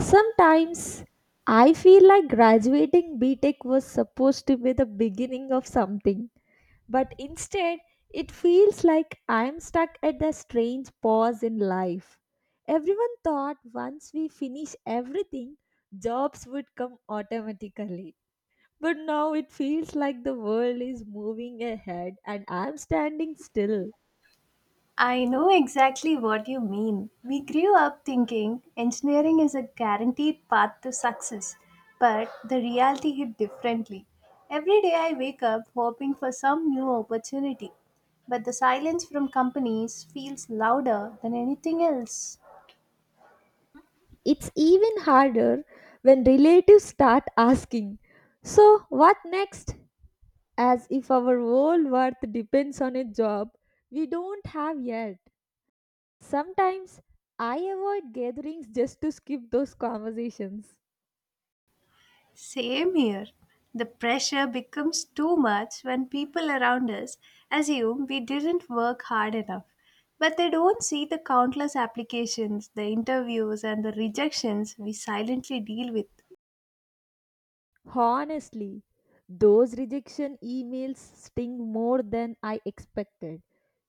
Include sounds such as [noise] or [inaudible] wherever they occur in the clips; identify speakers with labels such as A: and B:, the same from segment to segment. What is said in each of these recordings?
A: Sometimes I feel like graduating B Tech was supposed to be the beginning of something, but instead it feels like I'm stuck at the strange pause in life. Everyone thought once we finish everything, jobs would come automatically. But now it feels like the world is moving ahead and I'm standing still.
B: I know exactly what you mean. We grew up thinking engineering is a guaranteed path to success, but the reality hit differently. Every day I wake up hoping for some new opportunity, but the silence from companies feels louder than anything else.
A: It's even harder when relatives start asking, so, what next? As if our whole worth depends on a job we don't have yet. Sometimes I avoid gatherings just to skip those conversations.
B: Same here. The pressure becomes too much when people around us assume we didn't work hard enough. But they don't see the countless applications, the interviews, and the rejections we silently deal with.
A: Honestly, those rejection emails sting more than I expected.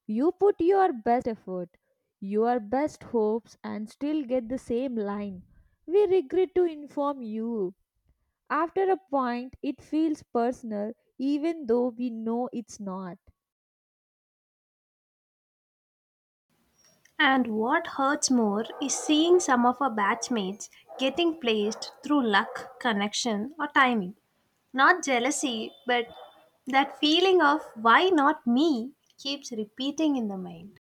A: You put your best effort, your best hopes, and still get the same line. We regret to inform you. After a point, it feels personal, even though we know it's not.
B: And what hurts more is seeing some of our batchmates getting placed through luck, connection, or timing. Not jealousy, but that feeling of why not me keeps repeating in the mind.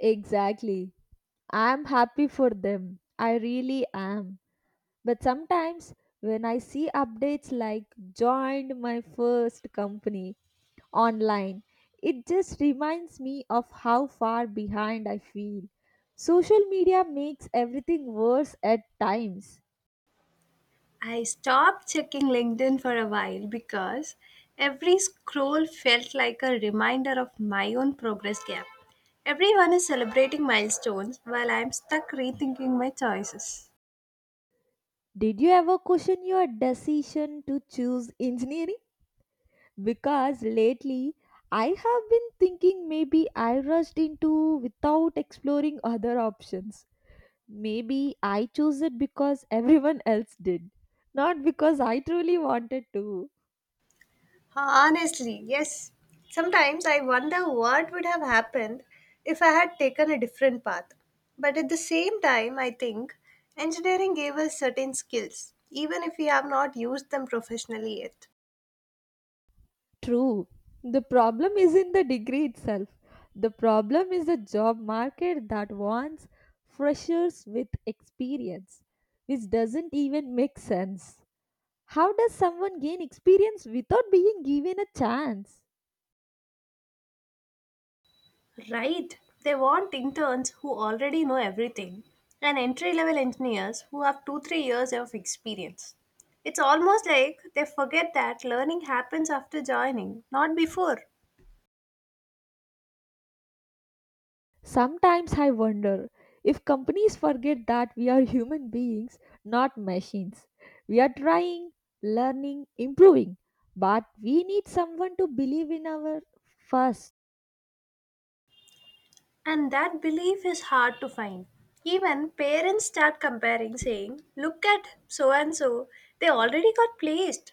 A: Exactly. I'm happy for them. I really am. But sometimes when I see updates like joined my first company online, it just reminds me of how far behind I feel. Social media makes everything worse at times.
B: I stopped checking LinkedIn for a while because every scroll felt like a reminder of my own progress gap. Everyone is celebrating milestones while I'm stuck rethinking my choices.
A: Did you ever question your decision to choose engineering? Because lately I have been thinking maybe I rushed into without exploring other options. Maybe I chose it because [laughs] everyone else did, not because I truly wanted to.
B: Honestly, yes. Sometimes I wonder what would have happened if I had taken a different path. But at the same time, I think engineering gave us certain skills, even if we have not used them professionally yet.
A: True. The problem is not the degree itself. The problem is the job market that wants freshers with experience, which doesn't even make sense. How does someone gain experience without being given a chance?
B: Right. They want interns who already know everything and entry level engineers who have 2-3 years of experience. It's almost like they forget that learning happens after joining, not before.
A: Sometimes I wonder if companies forget that we are human beings, not machines. We are trying, learning, improving, but we need someone to believe in our first.
B: And that belief is hard to find. Even parents start comparing, saying, look at so and so, they already got placed.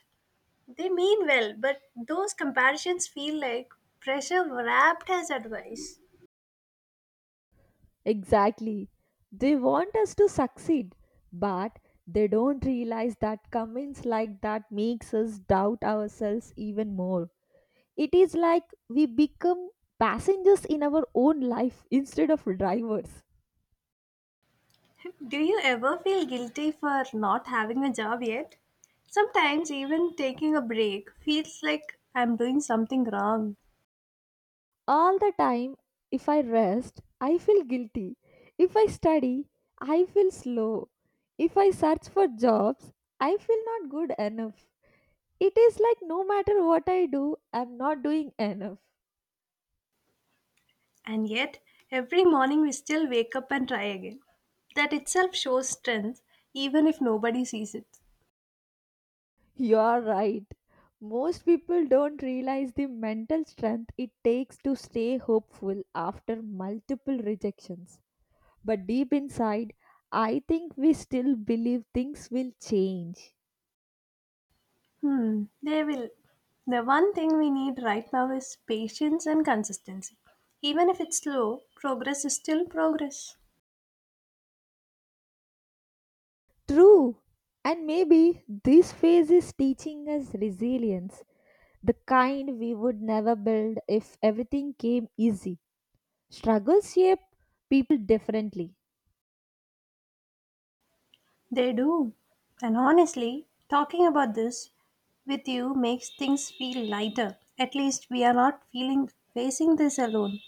B: They mean well, but those comparisons feel like pressure wrapped as advice.
A: Exactly. They want us to succeed, but they don't realize that comments like that makes us doubt ourselves even more. It is like we become passengers in our own life instead of drivers.
B: Do you ever feel guilty for not having a job yet? Sometimes, even taking a break feels like I'm doing something wrong.
A: All the time, if I rest, I feel guilty. If I study, I feel slow. If I search for jobs, I feel not good enough. It is like no matter what I do, I'm not doing enough.
B: And yet, every morning we still wake up and try again. That itself shows strength, even if nobody sees it.
A: You're right. Most people don't realize the mental strength it takes to stay hopeful after multiple rejections. But deep inside, I think we still believe things will change.
B: They will. The one thing we need right now is patience and consistency. Even if it's slow, progress is still progress.
A: True. And maybe this phase is teaching us resilience, the kind we would never build if everything came easy. Struggles shape people differently.
B: They do. And honestly, talking about this with you makes things feel lighter. At least we are not feeling facing this alone.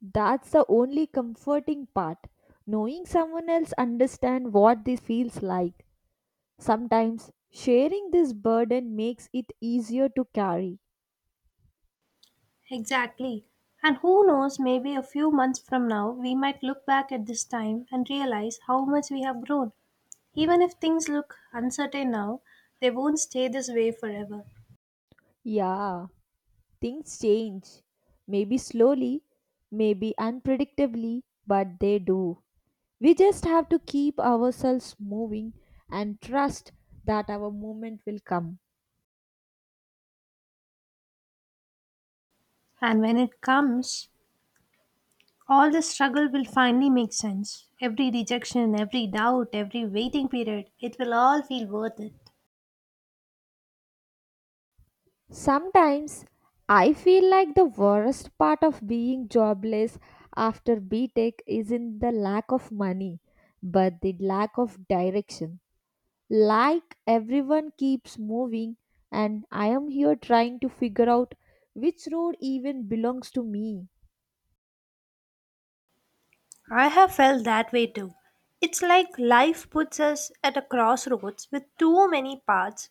A: That's the only comforting part. Knowing someone else understands what this feels like. Sometimes sharing this burden makes it easier to carry.
B: Exactly. And who knows, maybe a few months from now, we might look back at this time and realize how much we have grown. Even if things look uncertain now, they won't stay this way forever.
A: Yeah, things change. Maybe slowly, maybe unpredictably, but they do. We just have to keep ourselves moving and trust that our moment will come.
B: And when it comes, all the struggle will finally make sense. Every rejection, every doubt, every waiting period, it will all feel worth it.
A: Sometimes I feel like the worst part of being jobless after B Tech isn't the lack of money, but the lack of direction. Like everyone keeps moving, and I am here trying to figure out which road even belongs to me.
B: I have felt that way too. It's like life puts us at a crossroads with too many paths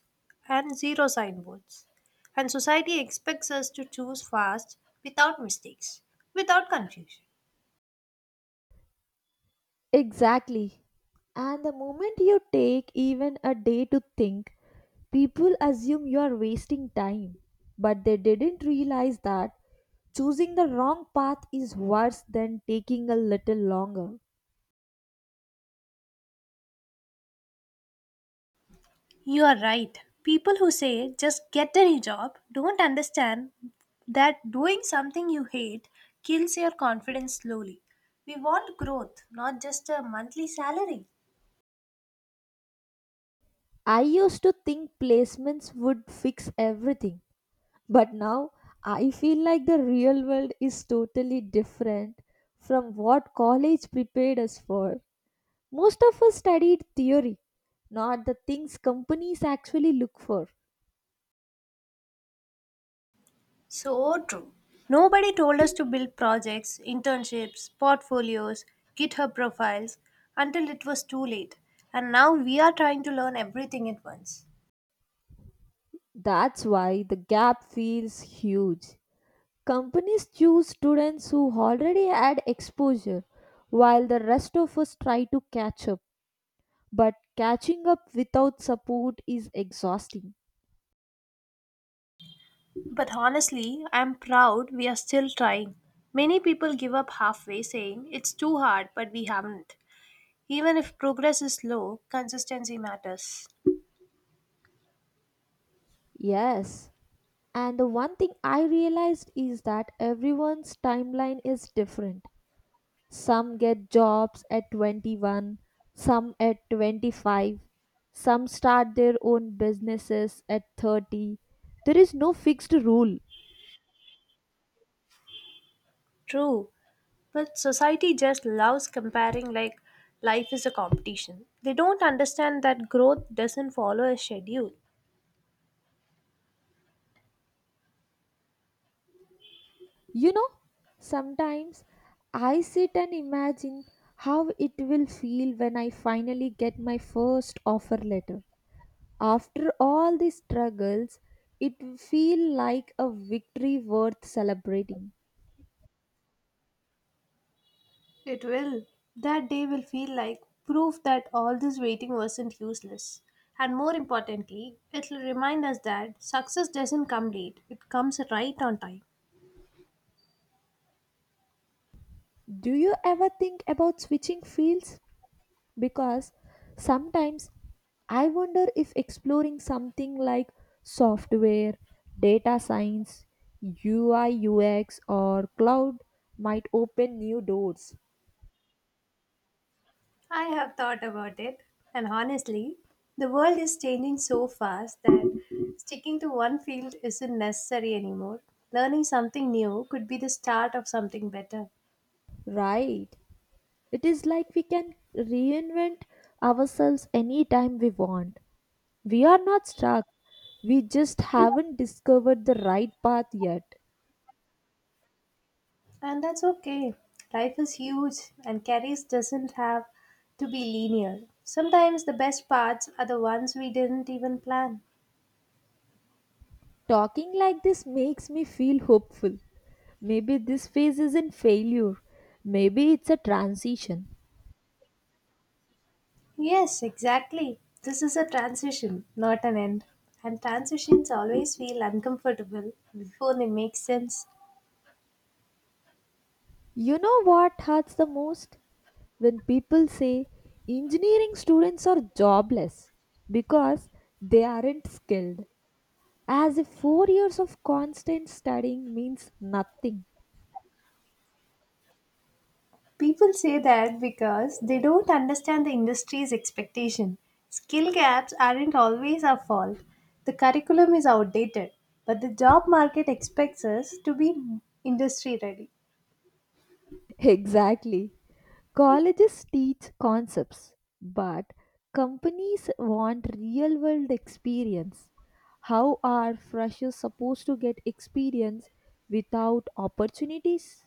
B: and zero signboards. And society expects us to choose fast, without mistakes, without confusion.
A: Exactly. And the moment you take even a day to think, people assume you are wasting time, but they didn't realize that choosing the wrong path is worse than taking a little longer.
B: You are right. People who say just get any job don't understand that doing something you hate kills your confidence slowly. We want growth, not just a monthly salary.
A: I used to think placements would fix everything, but now I feel like the real world is totally different from what college prepared us for. Most of us studied theory, not the things companies actually look for.
B: So true. Nobody told us to build projects, internships, portfolios, GitHub profiles until it was too late. And now we are trying to learn everything at once.
A: That's why the gap feels huge. Companies choose students who already had exposure, while the rest of us try to catch up. But catching up without support is exhausting.
B: But honestly, I'm proud we are still trying. Many people give up halfway saying it's too hard, but we haven't. Even if progress is slow, consistency matters.
A: Yes. And the one thing I realized is that everyone's timeline is different. Some get jobs at 21, some at 25, some start their own businesses at 30. There is no fixed rule.
B: True. But society just loves comparing like life is a competition. They don't understand that growth doesn't follow a schedule.
A: You know, sometimes I sit and imagine how it will feel when I finally get my first offer letter. After all these struggles, it feel like a victory worth celebrating.
B: It will. That day will feel like proof that all this waiting wasn't useless. And more importantly, it will remind us that success doesn't come late, it comes right on time.
A: Do you ever think about switching fields? Because sometimes I wonder if exploring something like software, data science, UI UX or cloud might open new doors.
B: I have thought about it, and honestly, the world is changing so fast that sticking to one field isn't necessary anymore. Learning something new could be the start of something better,
A: Right. It is like we can reinvent ourselves anytime we want. We are not stuck. We just haven't discovered the right path yet.
B: and that's okay. Life is huge, and careers doesn't have to be linear. Sometimes the best parts are the ones we didn't even plan.
A: Talking like this makes me feel hopeful. Maybe this phase isn't failure. Maybe it's a transition.
B: Yes, exactly. This is a transition, not an end. And transitions always feel uncomfortable before they make sense.
A: You know what hurts the most? When people say engineering students are jobless because they aren't skilled. As if four years of constant studying means nothing.
B: People say that because they don't understand the industry's expectation. Skill gaps aren't always our fault. The curriculum is outdated, but the job market expects us to be industry ready.
A: [laughs] Exactly. Colleges teach concepts, but companies want real world experience. How are freshers supposed to get experience without opportunities?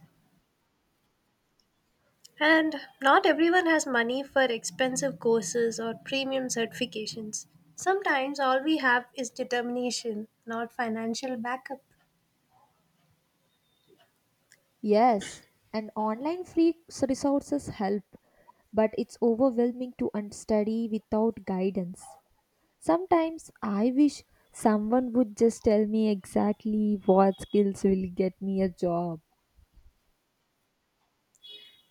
B: And not everyone has money for expensive courses or premium certifications. Sometimes all we have is determination, not financial backup.
A: Yes, and online free resources help, but it's overwhelming to study without guidance. Sometimes I wish someone would just tell me exactly what skills will get me a job.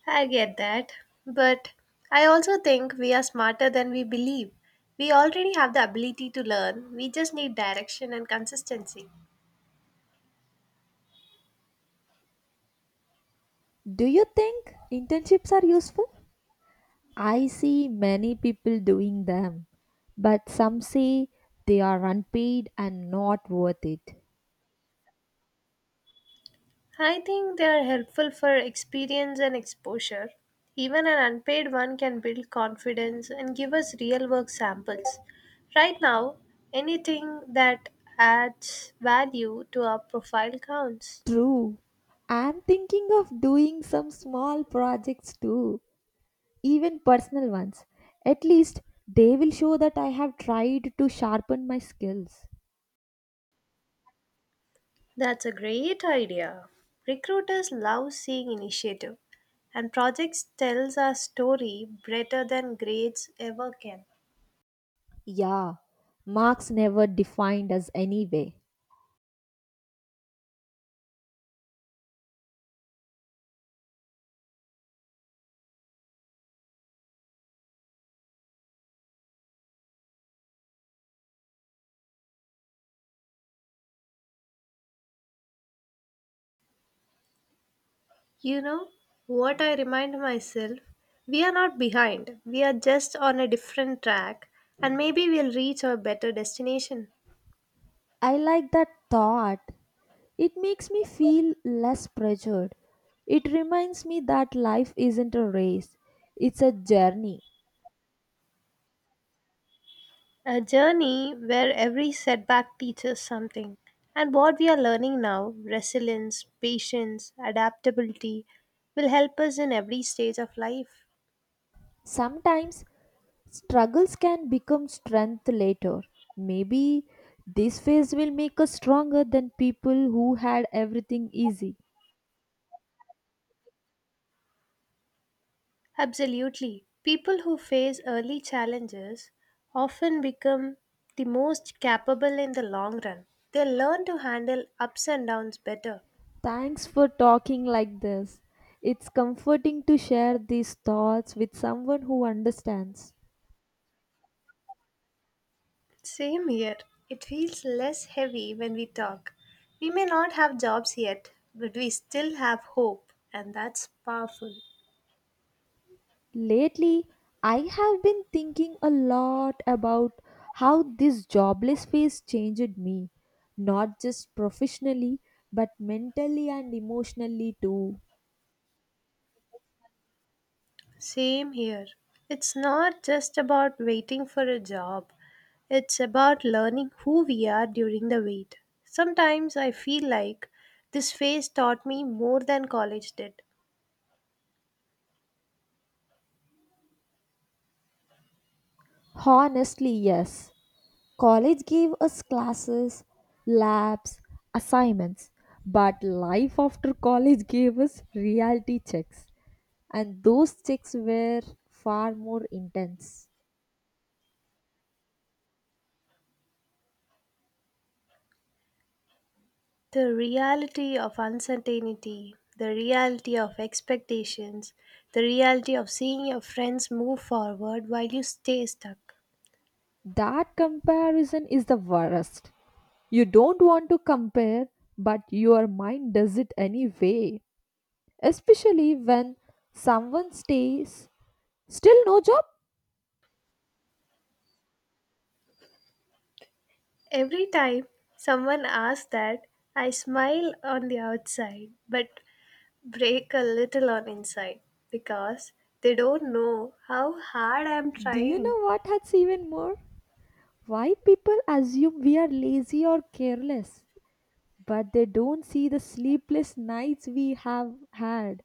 B: I get that. But I also think we are smarter than we believe. We already have the ability to learn, we just need direction and consistency.
A: Do you think internships are useful? I see many people doing them, but some say they are unpaid and not worth it.
B: I think they are helpful for experience and exposure. Even an unpaid one can build confidence and give us real work samples. Right now, anything that adds value to our profile counts.
A: True. I'm thinking of doing some small projects too, even personal ones. At least they will show that I have tried to sharpen my skills.
B: That's a great idea. Recruiters love seeing initiative, and projects tells our story better than grades ever can.
A: Yeah, Marx never defined us anyway.
B: You know what I remind myself? We are not behind. We are just on a different track, and maybe we'll reach our better destination.
A: I like that thought. It makes me feel less pressured. It reminds me that life isn't a race, it's a journey.
B: A journey where every setback teaches something. And what we are learning now, resilience, patience, adaptability, will help us in every stage of life.
A: Sometimes struggles can become strength later. Maybe this phase will make us stronger than people who had everything easy.
B: Absolutely. People who face early challenges often become the most capable in the long run. They learn to handle ups and downs better.
A: Thanks for talking like this. It's comforting to share these thoughts with someone who understands.
B: Same here. It feels less heavy when we talk. We may not have jobs yet, but we still have hope, and that's powerful.
A: Lately, I have been thinking a lot about how this jobless phase changed me, not just professionally, but mentally and emotionally too.
B: Same here. It's not just about waiting for a job, it's about learning who we are during the wait. Sometimes I feel like this phase taught me more than college did.
A: Honestly, yes. College gave us classes, labs, assignments, but life after college gave us reality checks, and those checks were far more intense.
B: The reality of uncertainty, the reality of expectations, the reality of seeing your friends move forward while you stay stuck.
A: That comparison is the worst. You don't want to compare, but your mind does it anyway. Especially when someone stays, still no job?
B: Every time someone asks that, I smile on the outside, but break a little on inside because they don't know how hard I'm
A: Do you
B: trying.
A: know what hurts even more? Why people assume we are lazy or careless, but they don't see the sleepless nights we have had.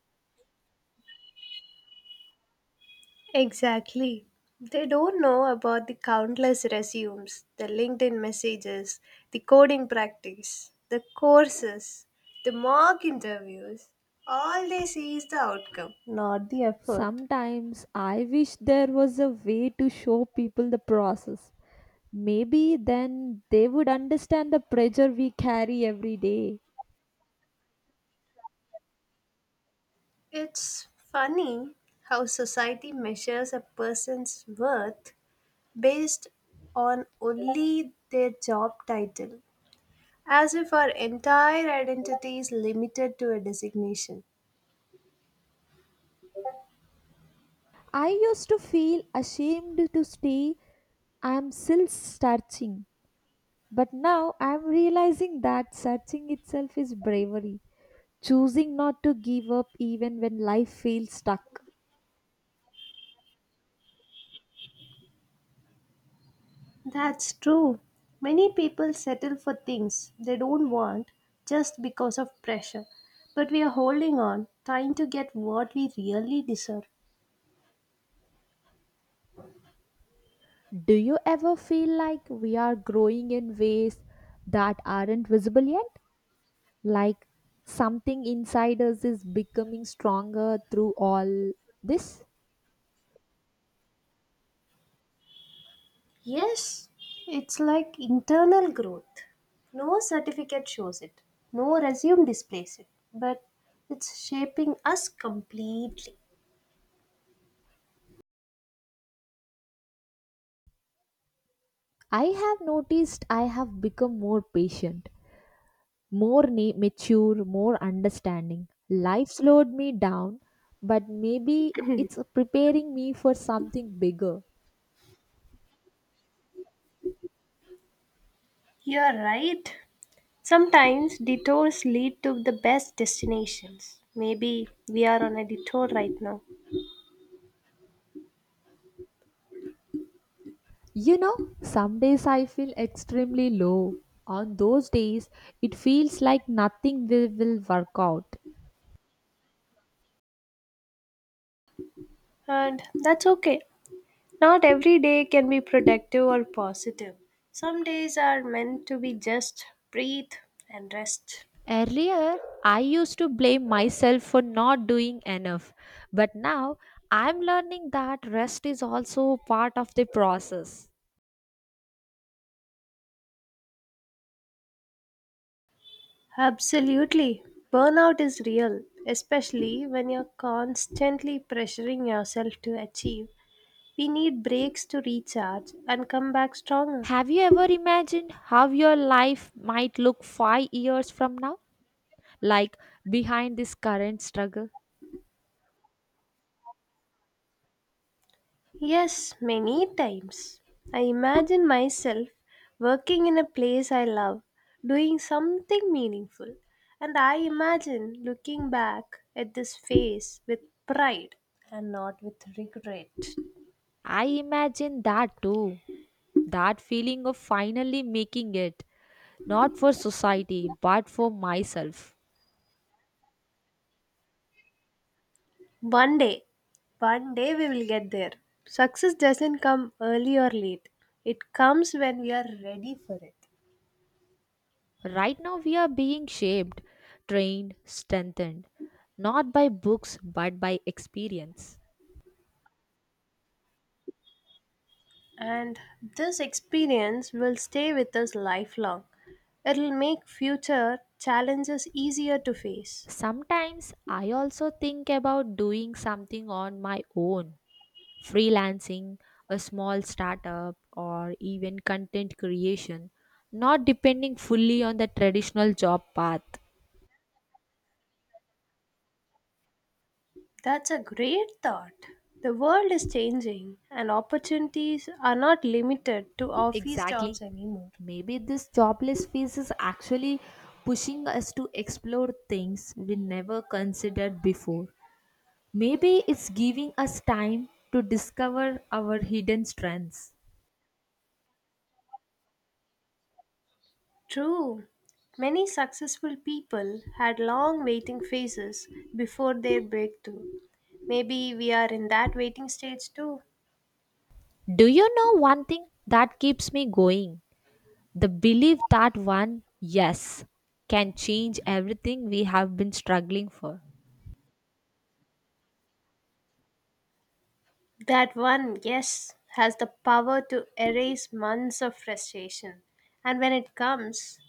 B: Exactly. They don't know about the countless resumes, the LinkedIn messages, the coding practice, the courses, the mock interviews. All they see is the outcome, not the effort.
A: Sometimes I wish there was a way to show people the process. Maybe then they would understand the pressure we carry every day.
B: It's funny how society measures a person's worth based on only their job title. As if our entire identity is limited to a designation.
A: I used to feel ashamed to stay. I'm still searching. But now I'm realizing that searching itself is bravery, choosing not to give up even when life feels stuck.
B: That's true. Many people settle for things they don't want just because of pressure. But we are holding on, trying to get what we really deserve.
A: Do you ever feel like we are growing in ways that aren't visible yet? Like something inside us is becoming stronger through all this?
B: Yes, it's like internal growth. No certificate shows it, no resume displays it, but it's shaping us completely.
A: I have noticed I have become more patient, more mature, more understanding. Life slowed me down, but maybe it's preparing me for something bigger.
B: You're right. Sometimes detours lead to the best destinations. Maybe we are on a detour right now.
A: You know, some days I feel extremely low. On those days, it feels like nothing will work out.
B: And that's okay. Not every day can be productive or positive. Some days are meant to be just breathe and rest.
A: Earlier, I used to blame myself for not doing enough, but now I'm learning that rest is also part of the process.
B: Absolutely. Burnout is real, especially when you're constantly pressuring yourself to achieve. We need breaks to recharge and come back stronger.
A: Have you ever imagined how your life might look five years from now? Like behind this current struggle?
B: Yes, many times. I imagine myself working in a place I love, doing something meaningful, and I imagine looking back at this phase with pride and not with regret.
A: I imagine that too. That feeling of finally making it, not for society, but for myself.
B: One day, one day we will get there. Success doesn't come early or late, it comes when we are ready for it.
A: Right now, we are being shaped, trained, strengthened, not by books, but by experience.
B: And this experience will stay with us lifelong. It'll make future challenges easier to face.
A: Sometimes I also think about doing something on my own, freelancing, a small startup, or even content creation, not depending fully on the traditional job path.
B: That's a great thought. The world is changing, and opportunities are not limited to office jobs
A: Exactly.
B: anymore.
A: Maybe this jobless phase is actually pushing us to explore things we never considered before. Maybe it's giving us time to discover our hidden strengths.
B: True. Many successful people had long waiting phases before their breakthrough. Maybe we are in that waiting stage too.
A: Do you know one thing that keeps me going? The belief that one yes can change everything we have been struggling for.
B: That one, yes, has the power to erase months of frustration. And when it comes,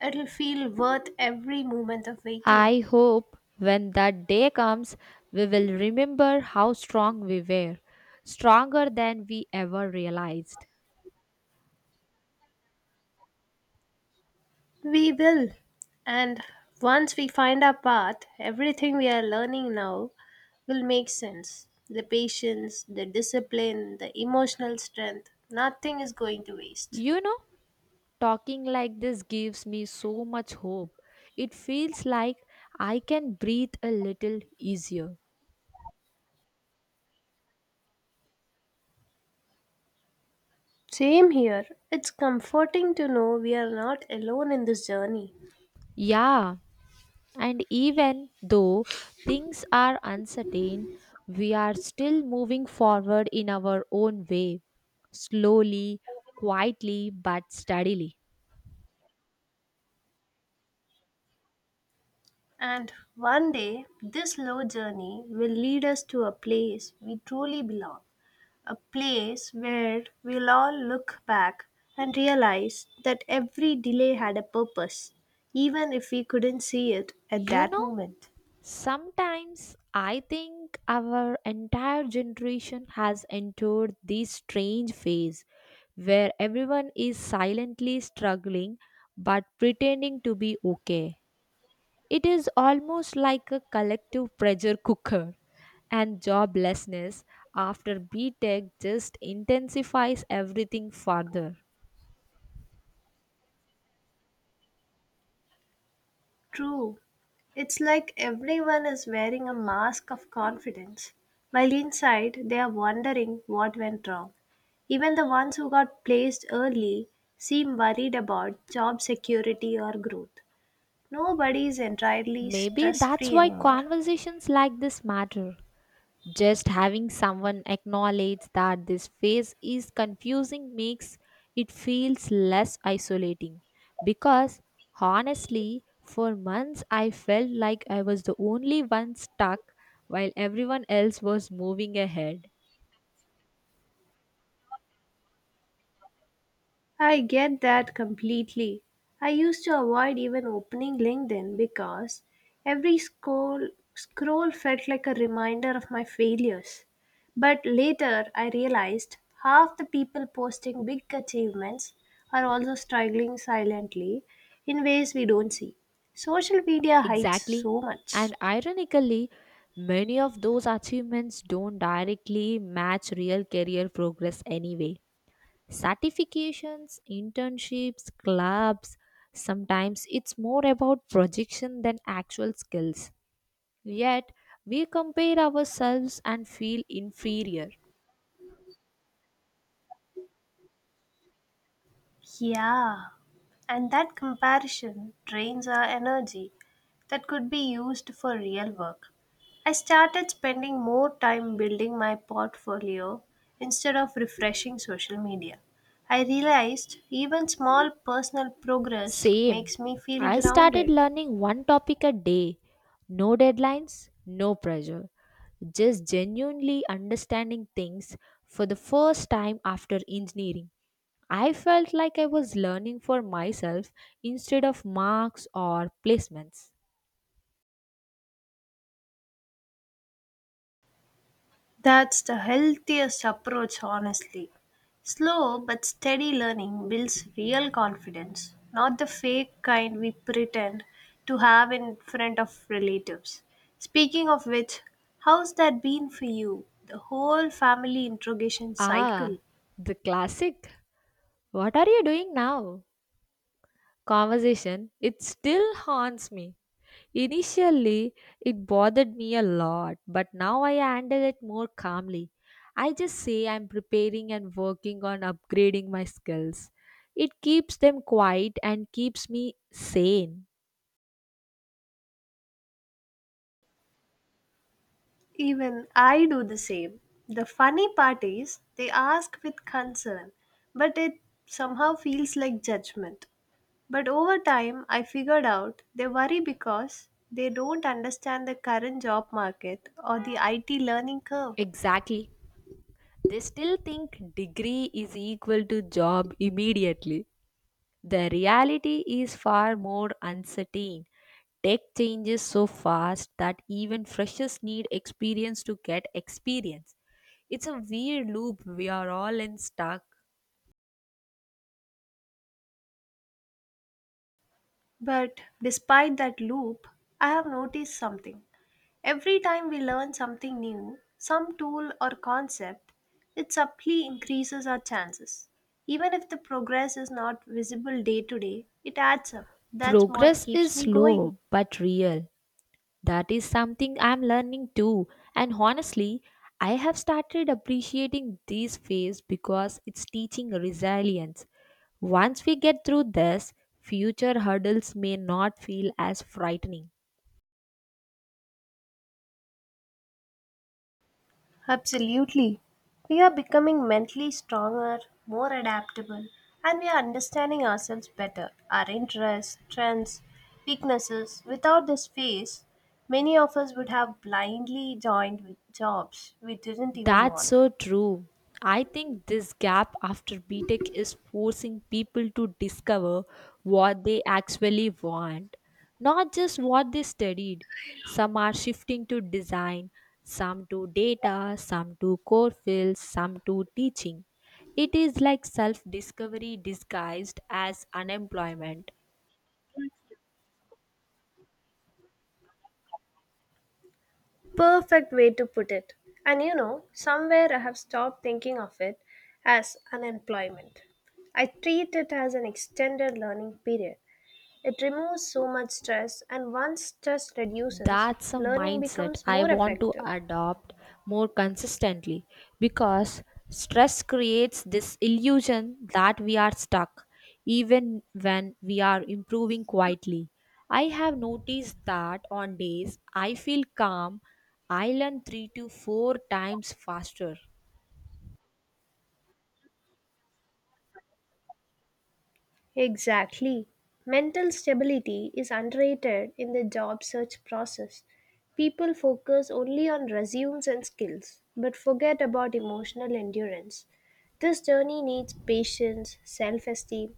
B: it'll feel worth every moment of waiting.
A: I hope when that day comes, we will remember how strong we were, stronger than we ever realized.
B: We will. And once we find our path, everything we are learning now will make sense. The patience, the discipline, the emotional strength, nothing is going to waste.
A: You know, talking like this gives me so much hope. It feels like I can breathe a little easier.
B: Same here. It's comforting to know we are not alone in this journey.
A: Yeah, and even though things are uncertain, we are still moving forward in our own way, slowly, quietly, but steadily.
B: And one day, this slow journey will lead us to a place we truly belong, a place where we'll all look back and realize that every delay had a purpose, even if we couldn't see it at
A: You
B: that
A: know,
B: moment.
A: sometimes I think our entire generation has entered this strange phase where everyone is silently struggling but pretending to be okay. It is almost like a collective pressure cooker, and joblessness after B Tech just intensifies everything further.
B: True, it's like everyone is wearing a mask of confidence, while inside they are wondering what went wrong. Even the ones who got placed early seem worried about job security or growth. Nobody is entirely
A: Maybe
B: stress
A: that's
B: free
A: why
B: anymore.
A: conversations like this matter. Just having someone acknowledge that this phase is confusing makes it feels less isolating because honestly for months I felt like I was the only one stuck while everyone else was moving ahead.
B: I get that completely. I used to avoid even opening LinkedIn because every scroll felt like a reminder of my failures. But later I realized half the people posting big achievements are also struggling silently in ways we don't see. Social media hides
A: Exactly.
B: so much.
A: And ironically, many of those achievements don't directly match real career progress anyway. Certifications, internships, clubs, sometimes it's more about projection than actual skills. Yet, we compare ourselves and feel inferior.
B: Yeah, and that comparison drains our energy that could be used for real work. I started spending more time building my portfolio instead of refreshing social media. I realized even small personal progress
A: Same.
B: makes me feel
A: I started
B: grounded.
A: learning one topic a day. No deadlines, no pressure. Just genuinely understanding things for the first time after engineering. I felt like I was learning for myself instead of marks or placements.
B: That's the healthiest approach, honestly. Slow but steady learning builds real confidence, not the fake kind we pretend to have in front of relatives. Speaking of which, how's that been for you? The whole family interrogation cycle.
A: Ah, the classic. What are you doing now? Conversation. It still haunts me. Initially, it bothered me a lot, but now I handle it more calmly. I just say I'm preparing and working on upgrading my skills. It keeps them quiet and keeps me sane.
B: Even I do the same. The funny part is, they ask with concern, but it somehow feels like judgment. But over time, I figured out they worry because they don't understand the current job market or the IT learning curve.
A: Exactly. They still think degree is equal to job immediately. The reality is far more uncertain. Tech changes so fast that even freshers need experience to get experience. It's a weird loop we are all in stuck.
B: But despite that loop, I have noticed something. Every time we learn something new, some tool or concept, it subtly increases our chances. Even if the progress is not visible day to day, it adds up. That's what
A: Progress is
B: keeps me going.
A: slow but real. That is something I'm learning too. And honestly, I have started appreciating this phase because it's teaching resilience. Once we get through this, future hurdles may not feel as frightening.
B: Absolutely. We are becoming mentally stronger, more adaptable, and we are understanding ourselves better, our interests, trends, weaknesses. Without this phase, many of us would have blindly joined with jobs we didn't even
A: That's
B: want.
A: so true. I think this gap after B Tech is forcing people to discover what they actually want, not just what they studied. Some are shifting to design, some to data, some to core fields, some to teaching. It is like self discovery disguised as unemployment.
B: Perfect way to put it. And you know, somewhere I have stopped thinking of it as unemployment. I treat it as an extended learning period. It removes so much stress, and once stress reduces,
A: That's a
B: learning
A: mindset
B: becomes
A: I
B: more
A: want to
B: effective.
A: adopt more consistently because stress creates this illusion that we are stuck even when we are improving quietly. I have noticed that on days I feel calm, I learn 3 to 4 times faster.
B: Exactly. Mental stability is underrated in the job search process. People focus only on resumes and skills, but forget about emotional endurance. This journey needs patience, self esteem,